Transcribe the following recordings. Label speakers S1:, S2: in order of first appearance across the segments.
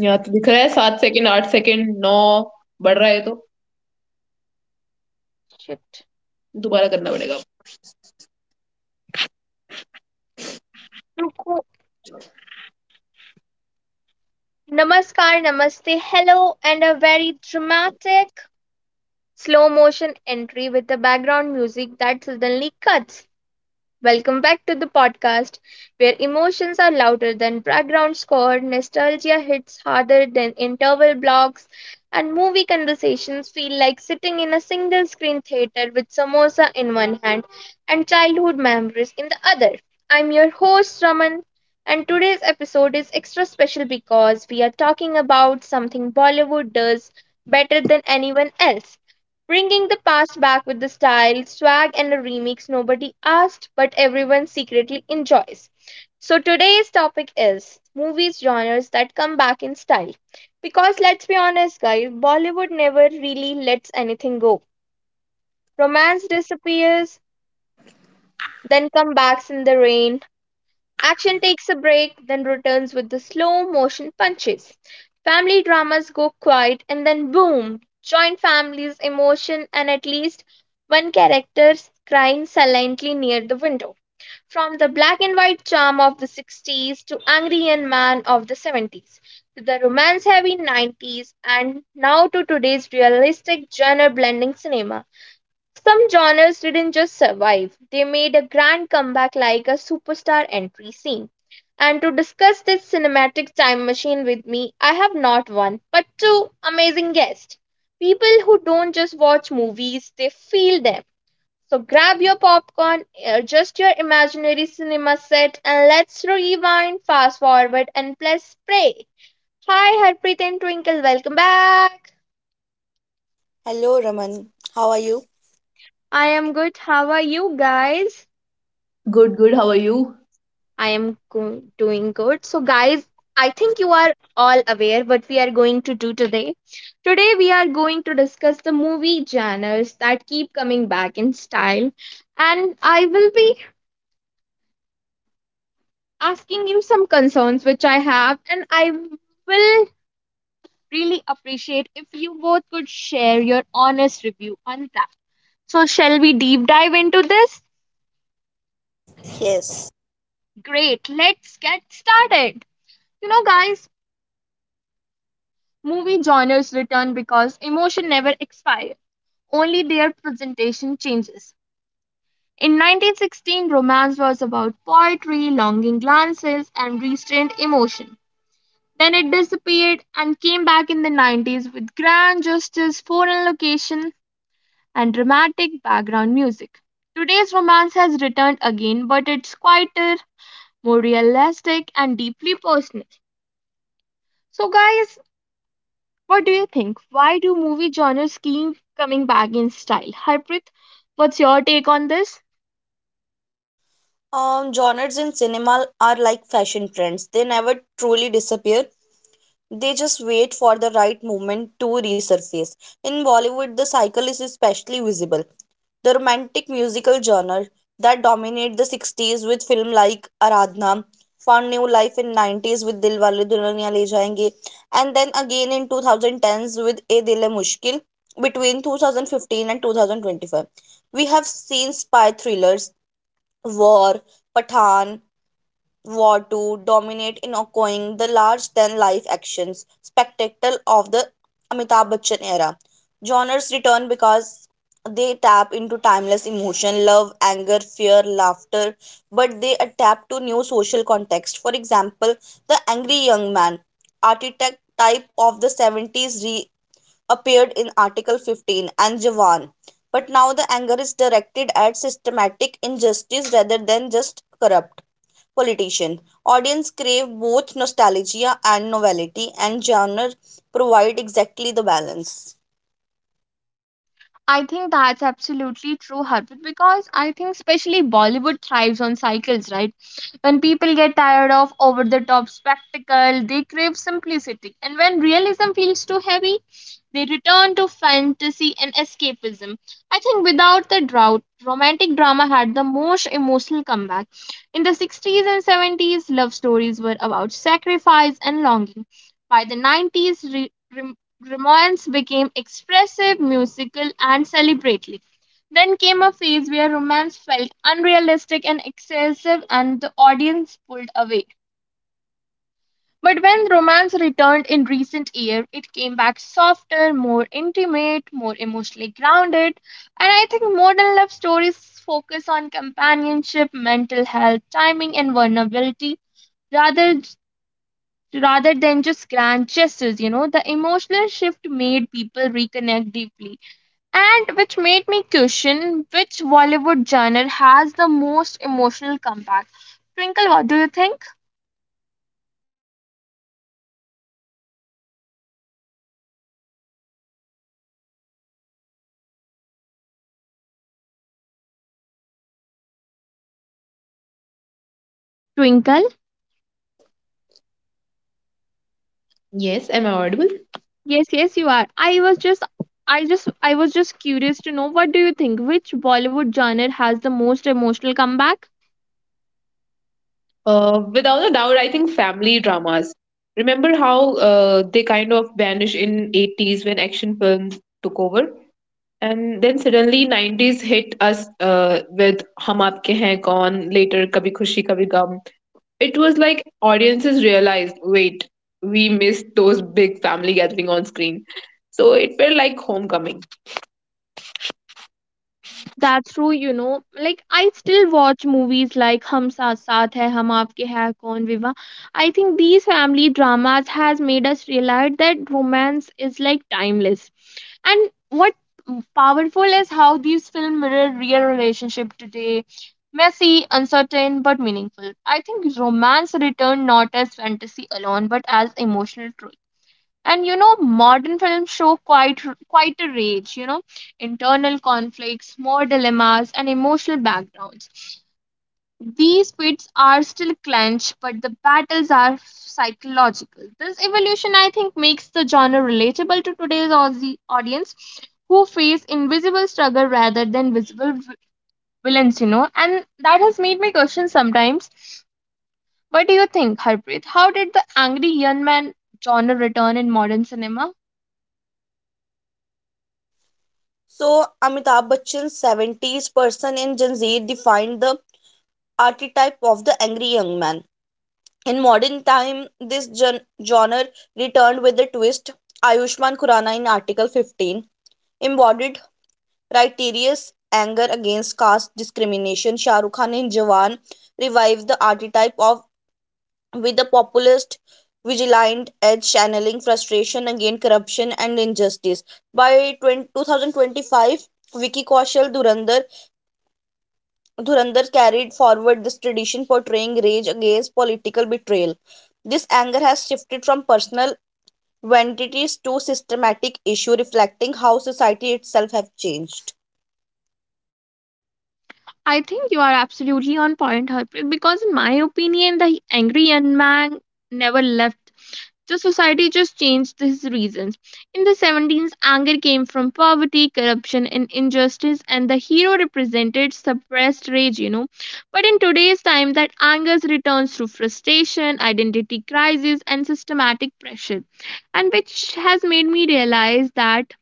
S1: यहाँ तो दिख रहा है सात सेकंड आठ सेकंड नौ बढ़ रहा है तो दोबारा करना पड़ेगा.
S2: Namaskar, namaste, hello, and a very dramatic slow motion entry with the background music that suddenly cuts. Welcome back to the podcast, where emotions are louder than background score, nostalgia hits harder than interval blocks, and movie conversations feel like sitting in a single screen theater with samosa in one hand and childhood memories in the other. I'm your host, Raman, and today's episode is extra special because we are talking about something Bollywood does better than anyone else: bringing the past back with the style, swag, and a remix nobody asked but everyone secretly enjoys. So today's topic is movies genres that come back in style. Because let's be honest, guys, Bollywood never really lets anything go. Romance disappears, then comebacks in the rain. Action takes a break, then returns with the slow motion punches. Family dramas go quiet and then boom! Joint families, emotion, and at least one character crying silently near the window. From the black and white charm of the 60s to angry young man of the 70s to the romance heavy 90s and now to today's realistic genre blending cinema. Some genres didn't just survive, they made a grand comeback like a superstar entry scene. And to discuss this cinematic time machine with me, I have not one, but two amazing guests. People who don't just watch movies, they feel them. So grab your popcorn, adjust your imaginary cinema set, and let's rewind, fast forward, and plus pray. Hi, Harpreet and Twinkle, welcome back.
S3: Hello Raman, how are you?
S2: I am good. How are you guys?
S1: Good, good. How are you?
S2: I am doing good. So, guys, I think you are all aware what we are going to do today. Today, we are going to discuss the movie genres that keep coming back in style. And I will be asking you some concerns which I have, and I will really appreciate if you both could share your honest review on that. So, shall we deep dive into this?
S3: Yes.
S2: Great, let's get started. You know, guys, movie genres return because emotion never expires, only their presentation changes. In 1916, romance was about poetry, longing glances, and restrained emotion. Then it disappeared and came back in the 90s with grand gestures, foreign location, and dramatic background music. Today's romance has returned again, but it's quieter, more realistic, and deeply personal. So, guys, what do you think? Why do movie genres keep coming back in style? Harpreet, what's your take on this?
S3: Genres in cinema are like fashion trends. They never truly disappear. They just wait for the right moment to resurface. In Bollywood, the cycle is especially visible. The romantic musical genre that dominated the 60s with films like Aradhna found new life in 90s with Dilwale Dulhaniya Le Jayenge, and then again in 2010s with A Dil Hai Mushkil between 2015 and 2025. We have seen spy thrillers, war, Pathan, war to dominate in ongoing the large than life actions spectacle of the Amitabh Bachchan era. Genres return because they tap into timeless emotion, love, anger, fear, laughter, but they adapt to new social context. For example, the angry young man, architect type of the 70s, reappeared in Article 15 and Jawan. But now the anger is directed at systematic injustice rather than just corrupt politician. Audience crave both nostalgia and novelty, and genre provide exactly the balance.
S2: I think that's absolutely true, Harpreet, because I think especially Bollywood thrives on cycles, right? When people get tired of over the top spectacle, they crave simplicity. And when realism feels too heavy, they return to fantasy and escapism. I think without the drought, romantic drama had the most emotional comeback. In the 60s and 70s, love stories were about sacrifice and longing. By the 90s, rem- romance became expressive, musical, and celebratory. Then came a phase where romance felt unrealistic and excessive, and the audience pulled away. But when romance returned in recent years, it came back softer, more intimate, more emotionally grounded. And I think modern love stories focus on companionship, mental health, timing, and vulnerability rather rather than just grand gestures. You know, the emotional shift made people reconnect deeply, and which made me question which Bollywood genre has the most emotional comeback. Twinkle, what do you think? Twinkle.
S1: Yes, am I audible?
S2: Yes, yes, you are. I was just curious to know, what do you think? Which Bollywood genre has the most emotional comeback?
S1: Without a doubt, I think family dramas. Remember how they kind of vanished in 80s when action films took over? And then suddenly 90s hit us with Hum Aapke Hain Kaun, later Kabhi Khushi Kabhi Gum. It was like audiences realized, wait, we missed those big family gathering on screen, so it felt like homecoming.
S2: That's true, you know. Like I still watch movies like Hum Saath Saath Hai, Hum Aapke Hai, Kaun Viva. I think these family dramas has made us realize that romance is like timeless. And what powerful is how these films mirror real relationship today. Messy, uncertain, but meaningful. I think romance returned not as fantasy alone, but as emotional truth. And you know, modern films show quite a range. You know, internal conflicts, more dilemmas, and emotional backgrounds. These pits are still clenched, but the battles are psychological. This evolution, I think, makes the genre relatable to today's Aussie audience who face invisible struggle rather than visible villains, you know. And that has made me question sometimes. What do you think, Harpreet? How did the angry young man genre return in modern cinema?
S3: So, Amitabh Bachchan's 70s person in Gen defined the archetype of the angry young man. In modern time, this genre returned with a twist. Ayushman Khurrana in Article 15 embodied righteous anger against caste discrimination. Shah Rukh Khan in Jawan revived the archetype of with the populist vigilant edge channeling frustration against corruption and injustice. By 2025, Vicky Kaushal Dhurandhar carried forward this tradition, portraying rage against political betrayal. This anger has shifted from personal vanities to systematic issue, reflecting how society itself have changed.
S2: I think you are absolutely on point, Harpreet, because in my opinion, the angry young man never left. The society just changed his reasons. In the 17th, anger came from poverty, corruption, and injustice, and the hero represented suppressed rage, you know. But in today's time, that anger returns through frustration, identity crisis, and systematic pressure, and which has made me realize that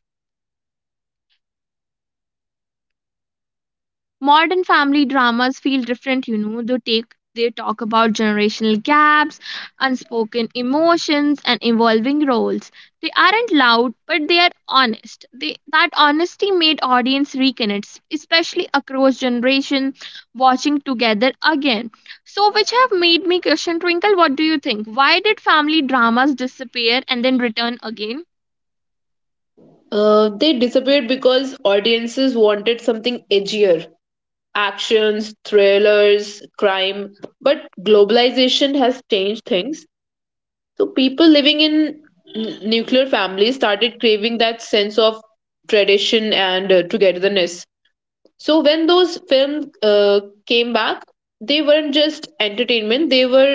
S2: modern family dramas feel different. You know, they take, they talk about generational gaps, unspoken emotions, and evolving roles. They aren't loud, but they are honest. That honesty made audience reconnect, especially across generation watching together again. So which have made me question, Twinkle, what do you think? Why did family dramas disappear and then return again?
S1: Uh, they disappeared because audiences wanted something edgier, actions thrillers, crime. But globalization has changed things, so people living in nuclear families started craving that sense of tradition and togetherness. So when those films came back, they weren't just entertainment, they were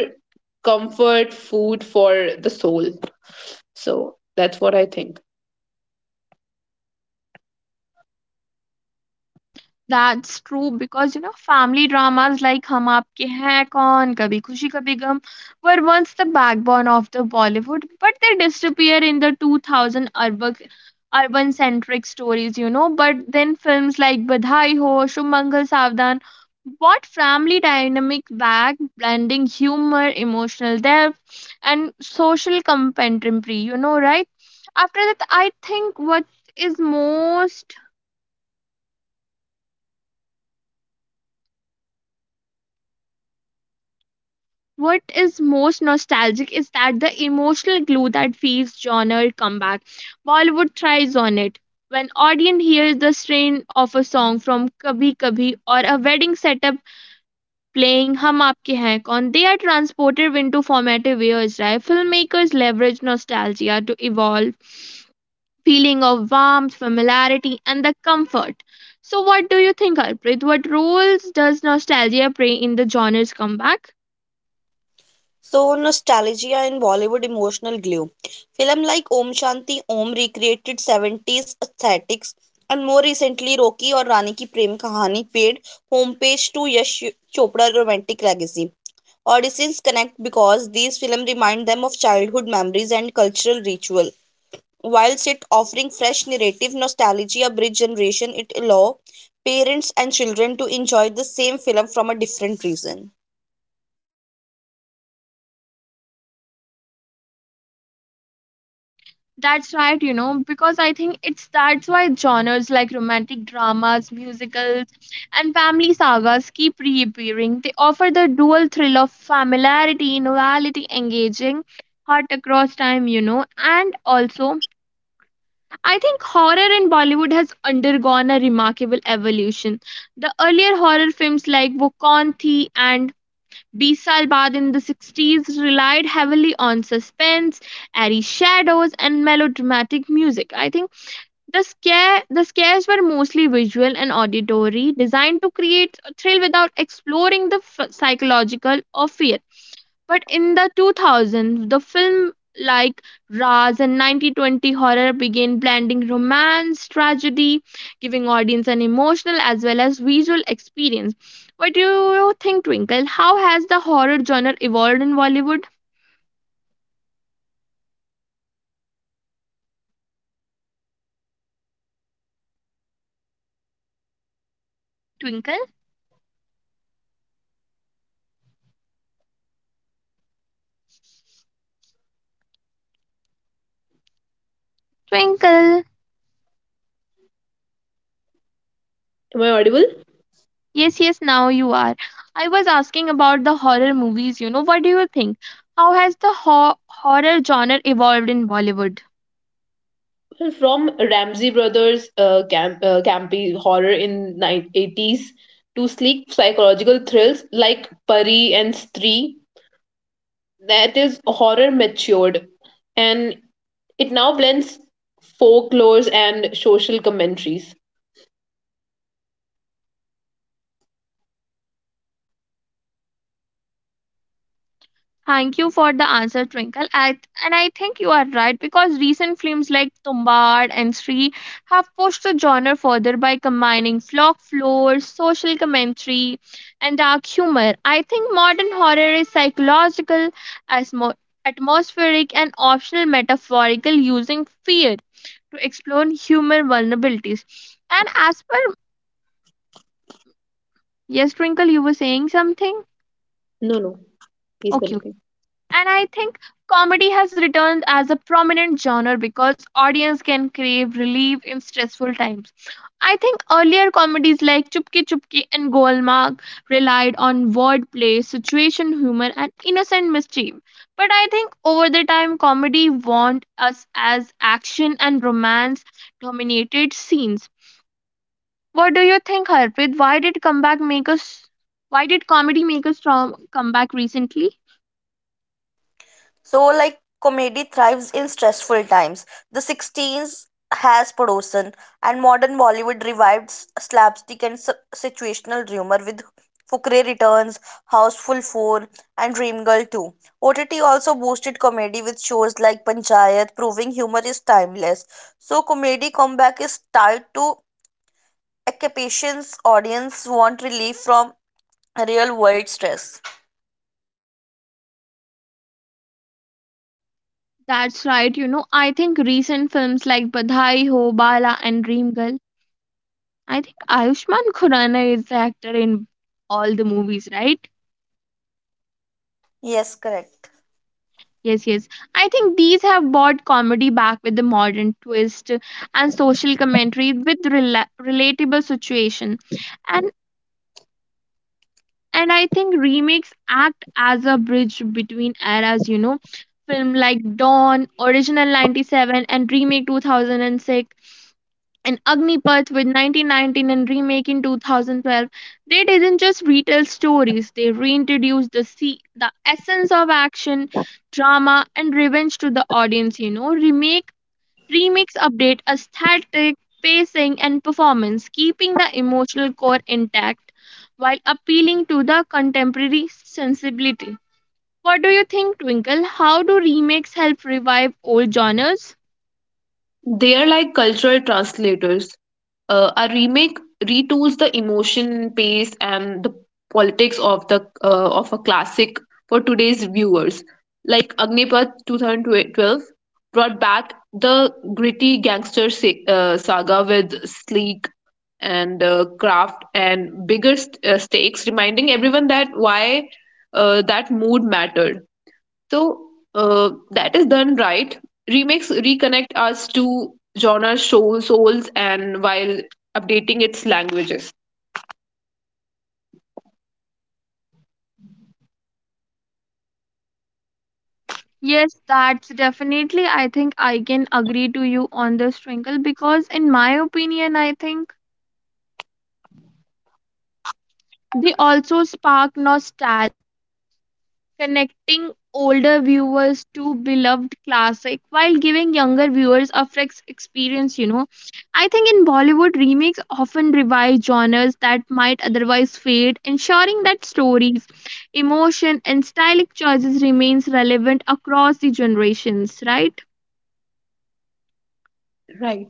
S1: comfort food for the soul. So that's what I think.
S2: That's true because you know family dramas like Hum Aapke Hain Kaun, Kabhi Khushi Kabhi Gum were once the backbone of the Bollywood, but they disappear in the 2000 urban centric stories, you know. But then films like Badhai Ho, Shumangal Savdan brought family dynamic back, blending humor, emotional depth, and social commentary, you know, right? After that, I think is most what is most nostalgic is that the emotional glue that feeds genre comeback. Bollywood thrives on it. When audience hears the strain of a song from Kabhi Kabhi or a wedding setup playing Hum Aapke Hain Kaun, they are transported into formative years, right? Filmmakers leverage nostalgia to evolve feeling of warmth, familiarity, and the comfort. So, what do you think, Harpreet? What roles does nostalgia play in the genre's comeback?
S3: So, nostalgia and Bollywood emotional glue. Film like Om Shanti Om recreated 70s aesthetics, and more recently, Rocky or Rani Ki Prem Kahani paid homage to Yash Chopra's romantic legacy. Audiences connect because these films remind them of childhood memories and cultural ritual. Whilst it offering fresh narrative, nostalgia bridge generation, it allow parents and children to enjoy the same film from a different reason.
S2: That's right, you know, because I think it's that's why genres like romantic dramas, musicals, and family sagas keep reappearing. They offer the dual thrill of familiarity, novelty, engaging, heart across time, you know. And also, I think horror in Bollywood has undergone a remarkable evolution. The earlier horror films like Wo Kaun Thi and Bisal Bad in the 60s relied heavily on suspense, airy shadows, and melodramatic music. I think the scares were mostly visual and auditory, designed to create a thrill without exploring the psychological of fear. But in the 2000s, the film like Raz and 1920 horror began blending romance, tragedy, giving audience an emotional as well as visual experience. What do you think, Twinkle? How has the horror genre evolved in Bollywood? Twinkle? Twinkle.
S1: Am I audible?
S2: Yes, yes, now you are. I was asking about the horror movies, you know. What do you think? How has the horror genre evolved in Bollywood?
S1: Well, from Ramsey Brothers' campy horror in eighties to sleek psychological thrills like Pari and Stree, that is horror matured, and it now blends folklores and social commentaries.
S2: Thank you for the answer, Twinkle. I, and I think you are right because recent films like Tumbad and Sri have pushed the genre further by combining flock lore, social commentary, and dark humor. I think modern horror is psychological, asmo- atmospheric, and optional metaphorical, using fear to explore human vulnerabilities. And as per, yes, Twinkle, you were saying something?
S1: No, no, please
S2: Okay.
S1: continue.
S2: And I think comedy has returned as a prominent genre because audience can crave relief in stressful times. I think earlier comedies like Chupki Chupki and Golmaal relied on wordplay, situation humor, and innocent mischief. But I think over the time, comedy warned us as action and romance dominated scenes. What do you think, Harpreet? Why did comeback make us? Why did comedy make a strong comeback recently?
S3: So, like, comedy thrives in stressful times. The 16s has Padosan, and modern Bollywood revived slapstick and situational humor with Fukre Returns, Houseful 4, and Dream Girl 2. OTT also boosted comedy with shows like Panchayat, proving humor is timeless. So, comedy comeback is tied to a capacious audience want relief from real world stress.
S2: That's right. You know, I think recent films like Badhai Ho, Bala, and Dream Girl. I think Ayushmann Khurrana is the actor in all the movies, right?
S3: Yes, correct.
S2: Yes, yes. I think these have brought comedy back with the modern twist and social commentary with relatable situation, and and I think remakes act as a bridge between eras. You know, film like Dawn, original 97, and remake 2006 and Agnipath with 1919 and remake in 2012, they didn't just retell stories, they reintroduced the the essence of action, drama, and revenge to the audience. You know, remakes update aesthetic, pacing, and performance, keeping the emotional core intact while appealing to the contemporary sensibility. What do you think, Twinkle? How do remakes help revive old genres?
S1: They are like cultural translators. A remake retools the emotion, pace, and the politics of the of a classic for today's viewers. Like Agnipath 2012 brought back the gritty gangster saga with sleek and craft and bigger stakes, reminding everyone that why that mood mattered. So that is done right. Remakes reconnect us to genre soul, souls, and while updating its languages.
S2: Yes, that's definitely. I think I can agree to you on this, Twinkle, because in my opinion, I think they also spark nostalgia, connecting older viewers to beloved classic while giving younger viewers a fresh experience, you know. I think in Bollywood, remakes often revive genres that might otherwise fade, ensuring that stories, emotion, and stylistic choices remains relevant across the generations, right?
S1: Right.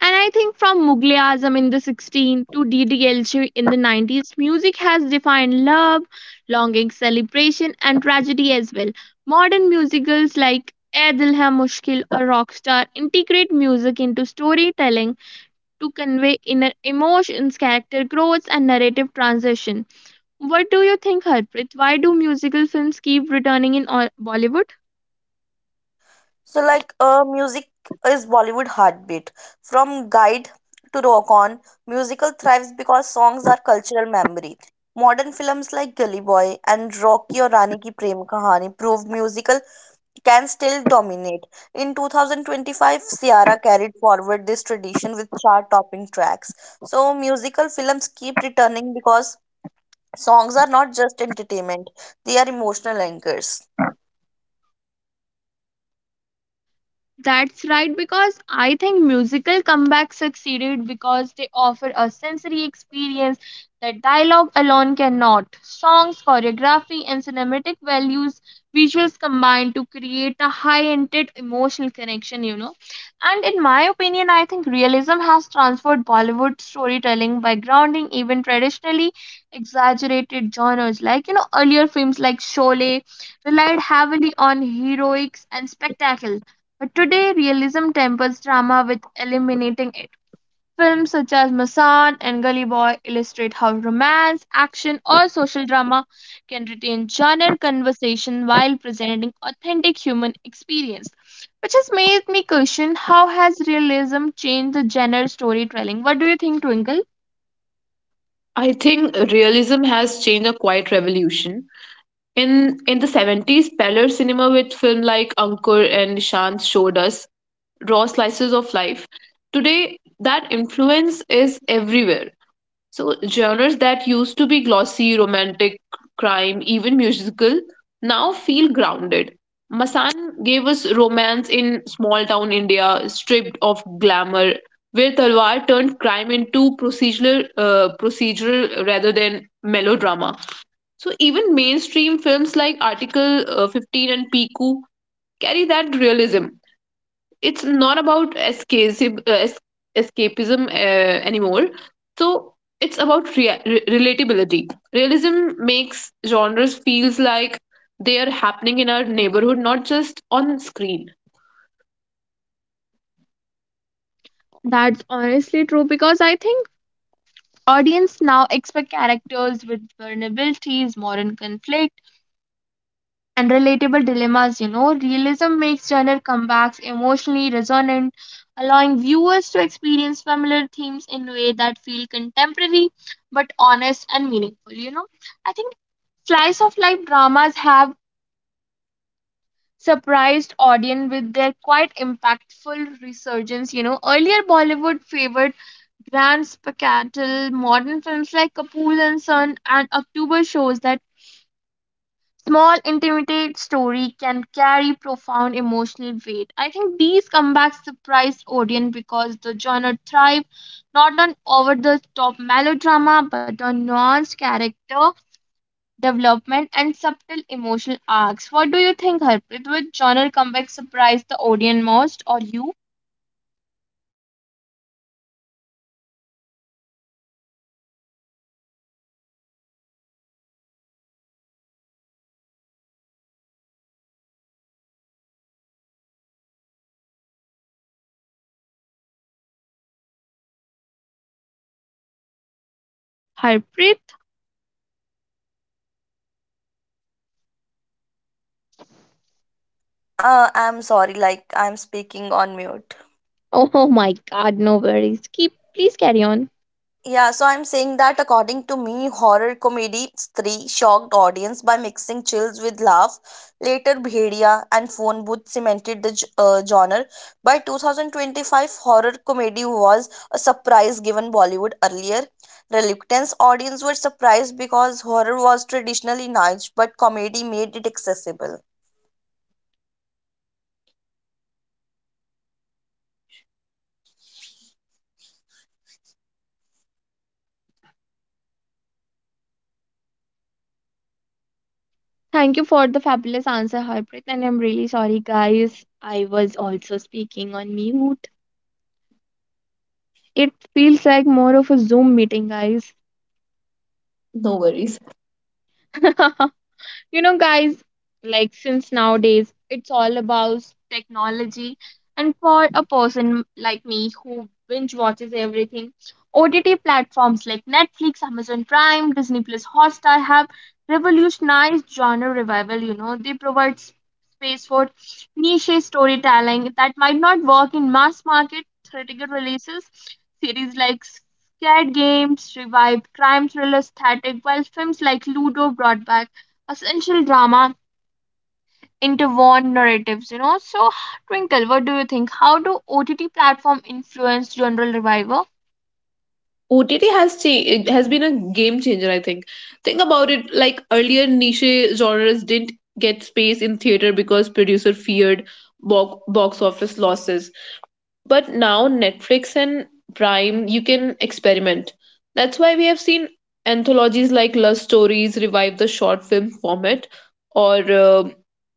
S2: And I think from Mughal Azam in the 16th to DDLJ in the 90s, music has defined love, longing, celebration, and tragedy as well. Modern musicals like ए दिल है मुश्किल or rockstar integrate music into storytelling to convey inner emotions, character growth, and narrative transition. What do you think, Harpreet? Why do musical films keep returning in Bollywood?
S3: So like music is Bollywood heartbeat. From Guide to Rock On, musical thrives because songs are cultural memory. Modern films like Gully Boy and Rocky or Rani Ki Prem Kahani prove musical can still dominate. In 2025, Ciara carried forward this tradition with chart-topping tracks. So musical films keep returning because songs are not just entertainment; they are emotional anchors.
S2: That's right, because I think musical comebacks succeeded because they offer a sensory experience that dialogue alone cannot. Songs, choreography, and cinematic values, visuals combine to create a high-ended emotional connection. And in my opinion, I think realism has transformed Bollywood storytelling by grounding even traditionally exaggerated genres. Like, earlier films like Sholay relied heavily on heroics and spectacle, but today, realism tempers drama with eliminating it. Films such as Masan and Gully Boy illustrate how romance, action, or social drama can retain genre conversation while presenting authentic human experience, which has made me question how has realism changed the genre storytelling. What do you think, Twinkle?
S1: I think realism has changed a quiet revolution. In the 70s, parlor cinema with film like Ankur and Nishant showed us raw slices of life. Today, that influence is everywhere. So genres that used to be glossy, romantic, crime, even musical, now feel grounded. Masan gave us romance in small town India, stripped of glamour, where Talwar turned crime into procedural rather than melodrama. So even mainstream films like Article 15 and Piku carry that realism. It's not about escapism anymore. So it's about relatability. Realism makes genres feels like they are happening in our neighborhood, not just on screen.
S2: That's honestly true because I think audience now expect characters with vulnerabilities, modern conflict and relatable dilemmas. Realism makes genre comebacks emotionally resonant, allowing viewers to experience familiar themes in a way that feel contemporary but honest and meaningful. I think slice of life dramas have surprised audience with their quite impactful resurgence. Earlier Bollywood favored grand spectacle modern films like Kapoor and Son and October shows that small intimate story can carry profound emotional weight. I think these comebacks surprise audience because the genre thrive not on over the top melodrama but on nuanced character development and subtle emotional arcs. What do you think, Harpreet? Which genre comeback surprised the audience most or you? Harpreet?
S3: I'm sorry, like I'm speaking on mute.
S2: Oh my god, no worries. Keep please carry on.
S3: Yeah, so I'm saying that according to me, horror comedy three shocked audience by mixing chills with laugh. Later, Bhedia and Phone Booth cemented the genre. By 2025, horror comedy was a surprise given Bollywood earlier. Reluctance audience were surprised because horror was traditionally niche, but comedy made it accessible.
S2: Thank you for the fabulous answer, Harpreet. And I'm really sorry, guys. I was also speaking on mute. It feels like more of a Zoom meeting, guys.
S1: No worries.
S2: Guys, like since nowadays it's all about technology, and for a person like me who binge watches everything, OTT platforms like Netflix, Amazon Prime, Disney Plus, Hotstar have revolutionized genre revival. They provide space for niche storytelling that might not work in mass market theatrical releases. Series like Scared Games revived crime thriller static, while films like Ludo brought back essential drama interwoven narratives. So, Twinkle, what do you think? How do OTT platform influence general revival?
S1: OTT has it has been a game changer, I think. Think about it. Like earlier, niche genres didn't get space in theater because producer feared box office losses. But now Netflix and Prime, you can experiment. That's why we have seen anthologies like Love Stories revive the short film format, or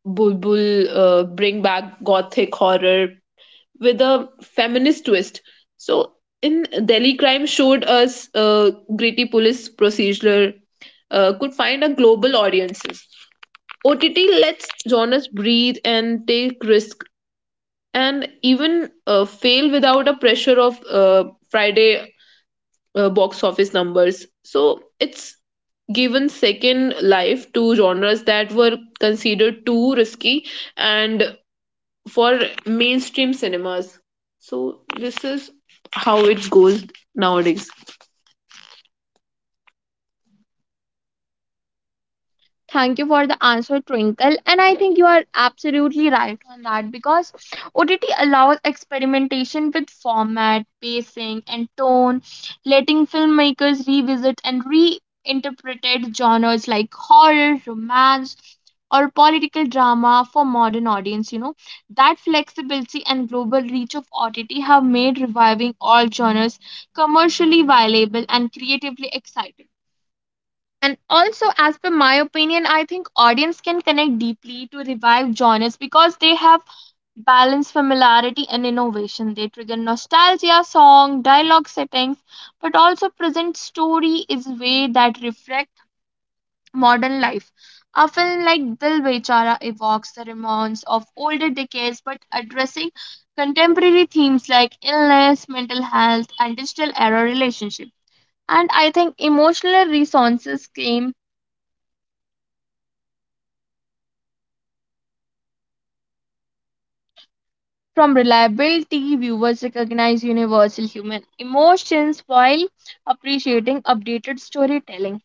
S1: Bulbul bring back gothic horror with a feminist twist. So in Delhi Crime showed us gritty police procedural could find a global audiences. OTT lets genres breathe and take risk and even fail without a pressure of Friday box office numbers. So it's given second life to genres that were considered too risky and for mainstream cinemas. So this is how it goes nowadays.
S2: Thank you for the answer, Twinkle. And I think you are absolutely right on that because OTT allows experimentation with format, pacing, and tone, letting filmmakers revisit and reinterpret genres like horror, romance, or political drama for modern audience. That flexibility and global reach of OTT have made reviving all genres commercially viable and creatively exciting. And also, as per my opinion, I think audience can connect deeply to revive genres because they have balanced familiarity and innovation. They trigger nostalgia, song, dialogue settings, but also present story is way that reflect modern life. A film like Dil Bechara evokes the remnants of older decades, but addressing contemporary themes like illness, mental health, and digital era relationship. And I think emotional resonances came from reliability, viewers recognize universal human emotions while appreciating updated storytelling,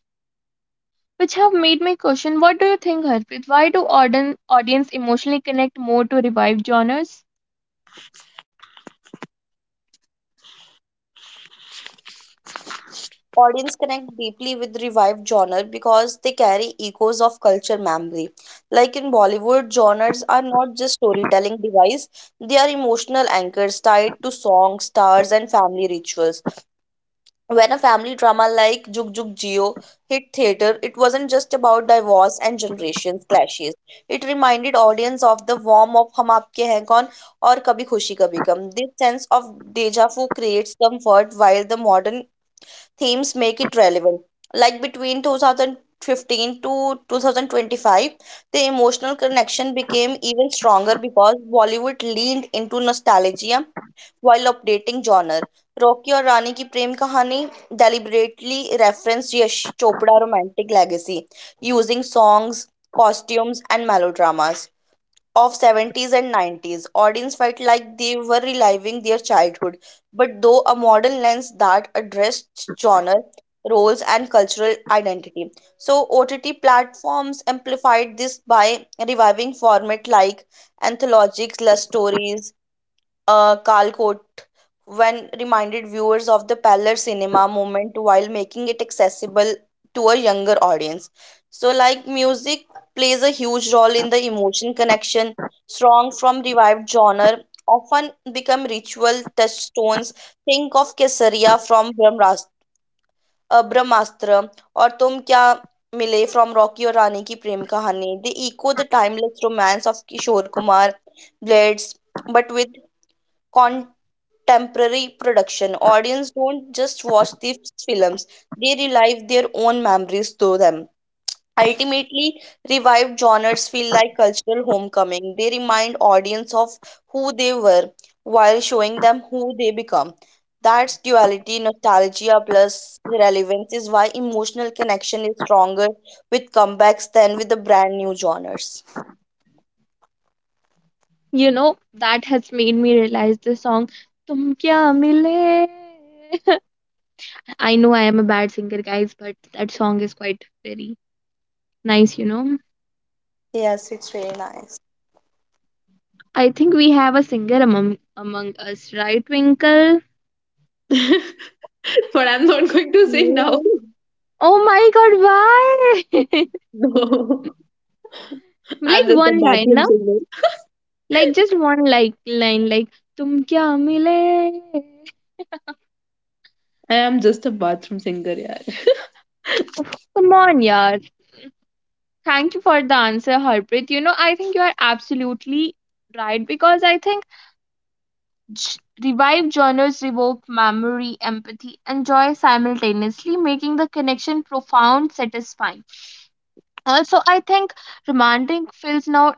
S2: which have made me question, what do you think, Harpreet? Why do audience emotionally connect more to revived genres?
S3: Audience connect deeply with revived genre because they carry echoes of culture memory. Like in Bollywood, genres are not just storytelling device, they are emotional anchors tied to songs, stars, and family rituals. When a family drama like Jug Jug Jio hit theater, it wasn't just about divorce and generations clashes, it reminded audience of the warmth of Hum Aapke Hain Kaun or कभी khushi Kabhi Gham. This sense of deja vu creates comfort while the modern themes make it relevant. Like between 2015 to 2025, the emotional connection became even stronger because Bollywood leaned into nostalgia while updating genre. Rocky और रानी की प्रेम कहानी deliberately referenced Yash Chopra romantic legacy using songs, costumes, and melodramas of 70s and 90s. Audience felt like they were reliving their childhood, but though a modern lens that addressed genre, roles, and cultural identity. So OTT platforms amplified this by reviving format like anthologies, love stories, Calcott when reminded viewers of the parlor cinema moment while making it accessible to a younger audience. So, like music plays a huge role in the emotion connection. Strong from revived genre often become ritual touchstones. Think of Kesaria from Brahmastra or Tum Kya Mile from Rocky और रानी की प्रेम कहानी. They echo the timeless romance of Kishore Kumar, Blades, but with temporary production. Audience don't just watch these films, they relive their own memories through them. Ultimately, revived genres feel like cultural homecoming. They remind audience of who they were while showing them who they become. That's duality, nostalgia plus relevance is why emotional connection is stronger with comebacks than with the brand new genres.
S2: You know, that has made me realize the song Tum Kya Mile. I know I am a bad singer, guys, but that song is quite very nice.
S3: Yes, it's really nice.
S2: I think we have a singer among us, right, Twinkle?
S1: But I'm not going to sing now.
S3: Yeah,
S2: Oh my god, why?
S1: No, I'm
S2: Like
S1: just a
S2: one line,
S1: bathroom
S2: na?
S1: singer.
S2: Like just one like line, like "Tum kya mile?"
S1: I am just a bathroom singer, yeah.
S2: Oh, come on, yaar. Thank you for the answer, Harpreet. I think you are absolutely right because I think revived genres evoke memory, empathy, and joy simultaneously, making the connection profound, satisfying. Also, I think romantic films now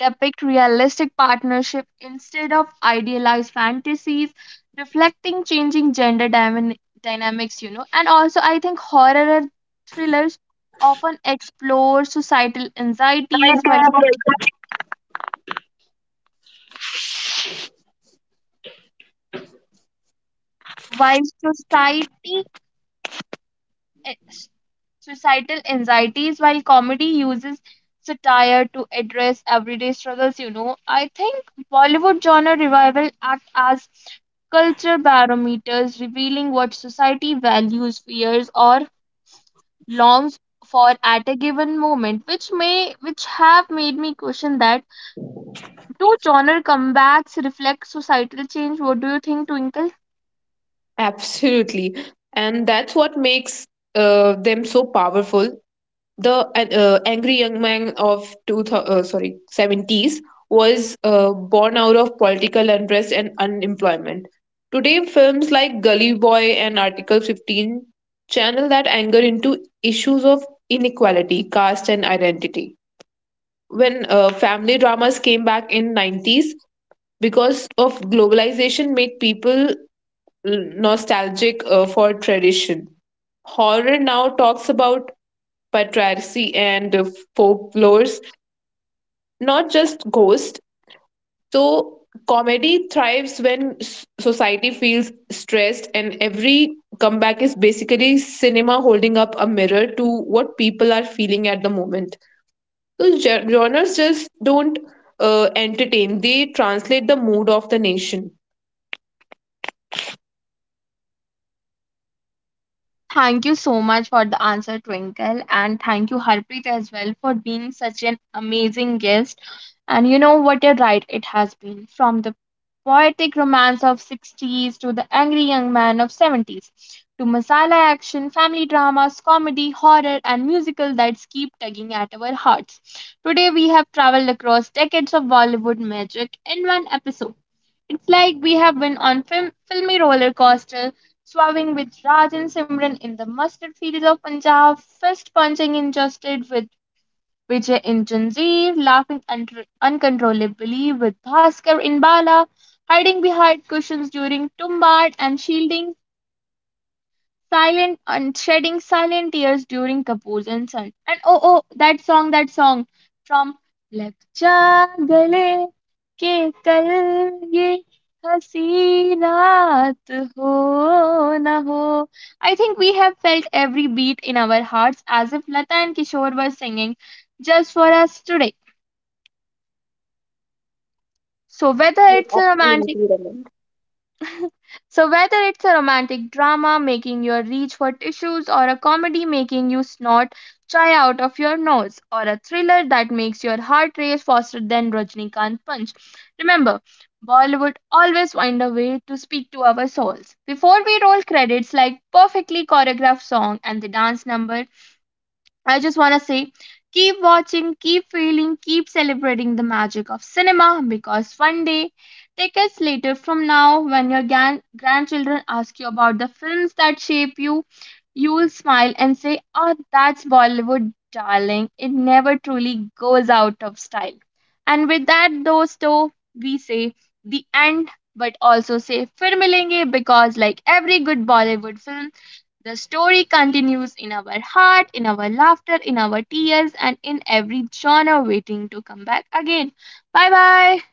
S2: depict realistic partnership instead of idealized fantasies, reflecting changing gender dynamics, you know. And also, I think horror and thrillers often explore societal anxieties while eh, societal anxieties while comedy uses satire to address everyday struggles. I think Bollywood genre revival act as culture barometers revealing what society values, fears, or longs for at a given moment, which have made me question that do genre comebacks reflect societal change. What do you think, Twinkle?
S1: Absolutely. And that's what makes them so powerful. The angry young man of two thou- sorry 70s was born out of political unrest and unemployment. Today, films like Gully Boy and Article 15 channel that anger into issues of inequality, caste, and identity. When family dramas came back in 90s because of globalization made people nostalgic for tradition. Horror now talks about patriarchy and folklores, not just ghosts. So comedy thrives when society feels stressed, and every comeback is basically cinema holding up a mirror to what people are feeling at the moment. So genres just don't entertain, they translate the mood of the nation.
S2: Thank you so much for the answer, Twinkle, and thank you, Harpreet, as well, for being such an amazing guest. And you know what a ride it has been from the poetic romance of 60s to the angry young man of 70s to masala action, family dramas, comedy, horror, and musical that keep tugging at our hearts. Today we have traveled across decades of Bollywood magic in one episode. It's like we have been on filmy roller coaster, swabbing with Raj and Simran in the mustard fields of Punjab, fist punching injustice with Vijay in Zanjeer, laughing uncontrollably with Bhaskar in Bala, hiding behind cushions during Tumbad and shielding silent and shedding silent tears during Kapoor's insult. And oh, that song, from Lag Ja Gale के कल ये हंसी रात हो ना हो. I think we have felt every beat in our hearts as if Lata and Kishore were singing just for us today. So whether
S3: yes,
S2: it's a romantic,
S3: absolutely, Raman.
S2: so whether it's a romantic drama making you reach for tissues or a comedy making you snort chai out of your nose or a thriller that makes your heart race faster than Rajnikant punch. Remember, Bollywood always find a way to speak to our souls. Before we roll credits like perfectly choreographed song and the dance number, I just want to say, keep watching, keep feeling, keep celebrating the magic of cinema because one day, decades later from now, when your grandchildren ask you about the films that shape you, you'll smile and say, "Oh, that's Bollywood, darling. It never truly goes out of style." And with that, those two, we say the end, but also say Fir Milenge because, like every good Bollywood film, the story continues in our heart, in our laughter, in our tears, and in every genre waiting to come back again. Bye bye.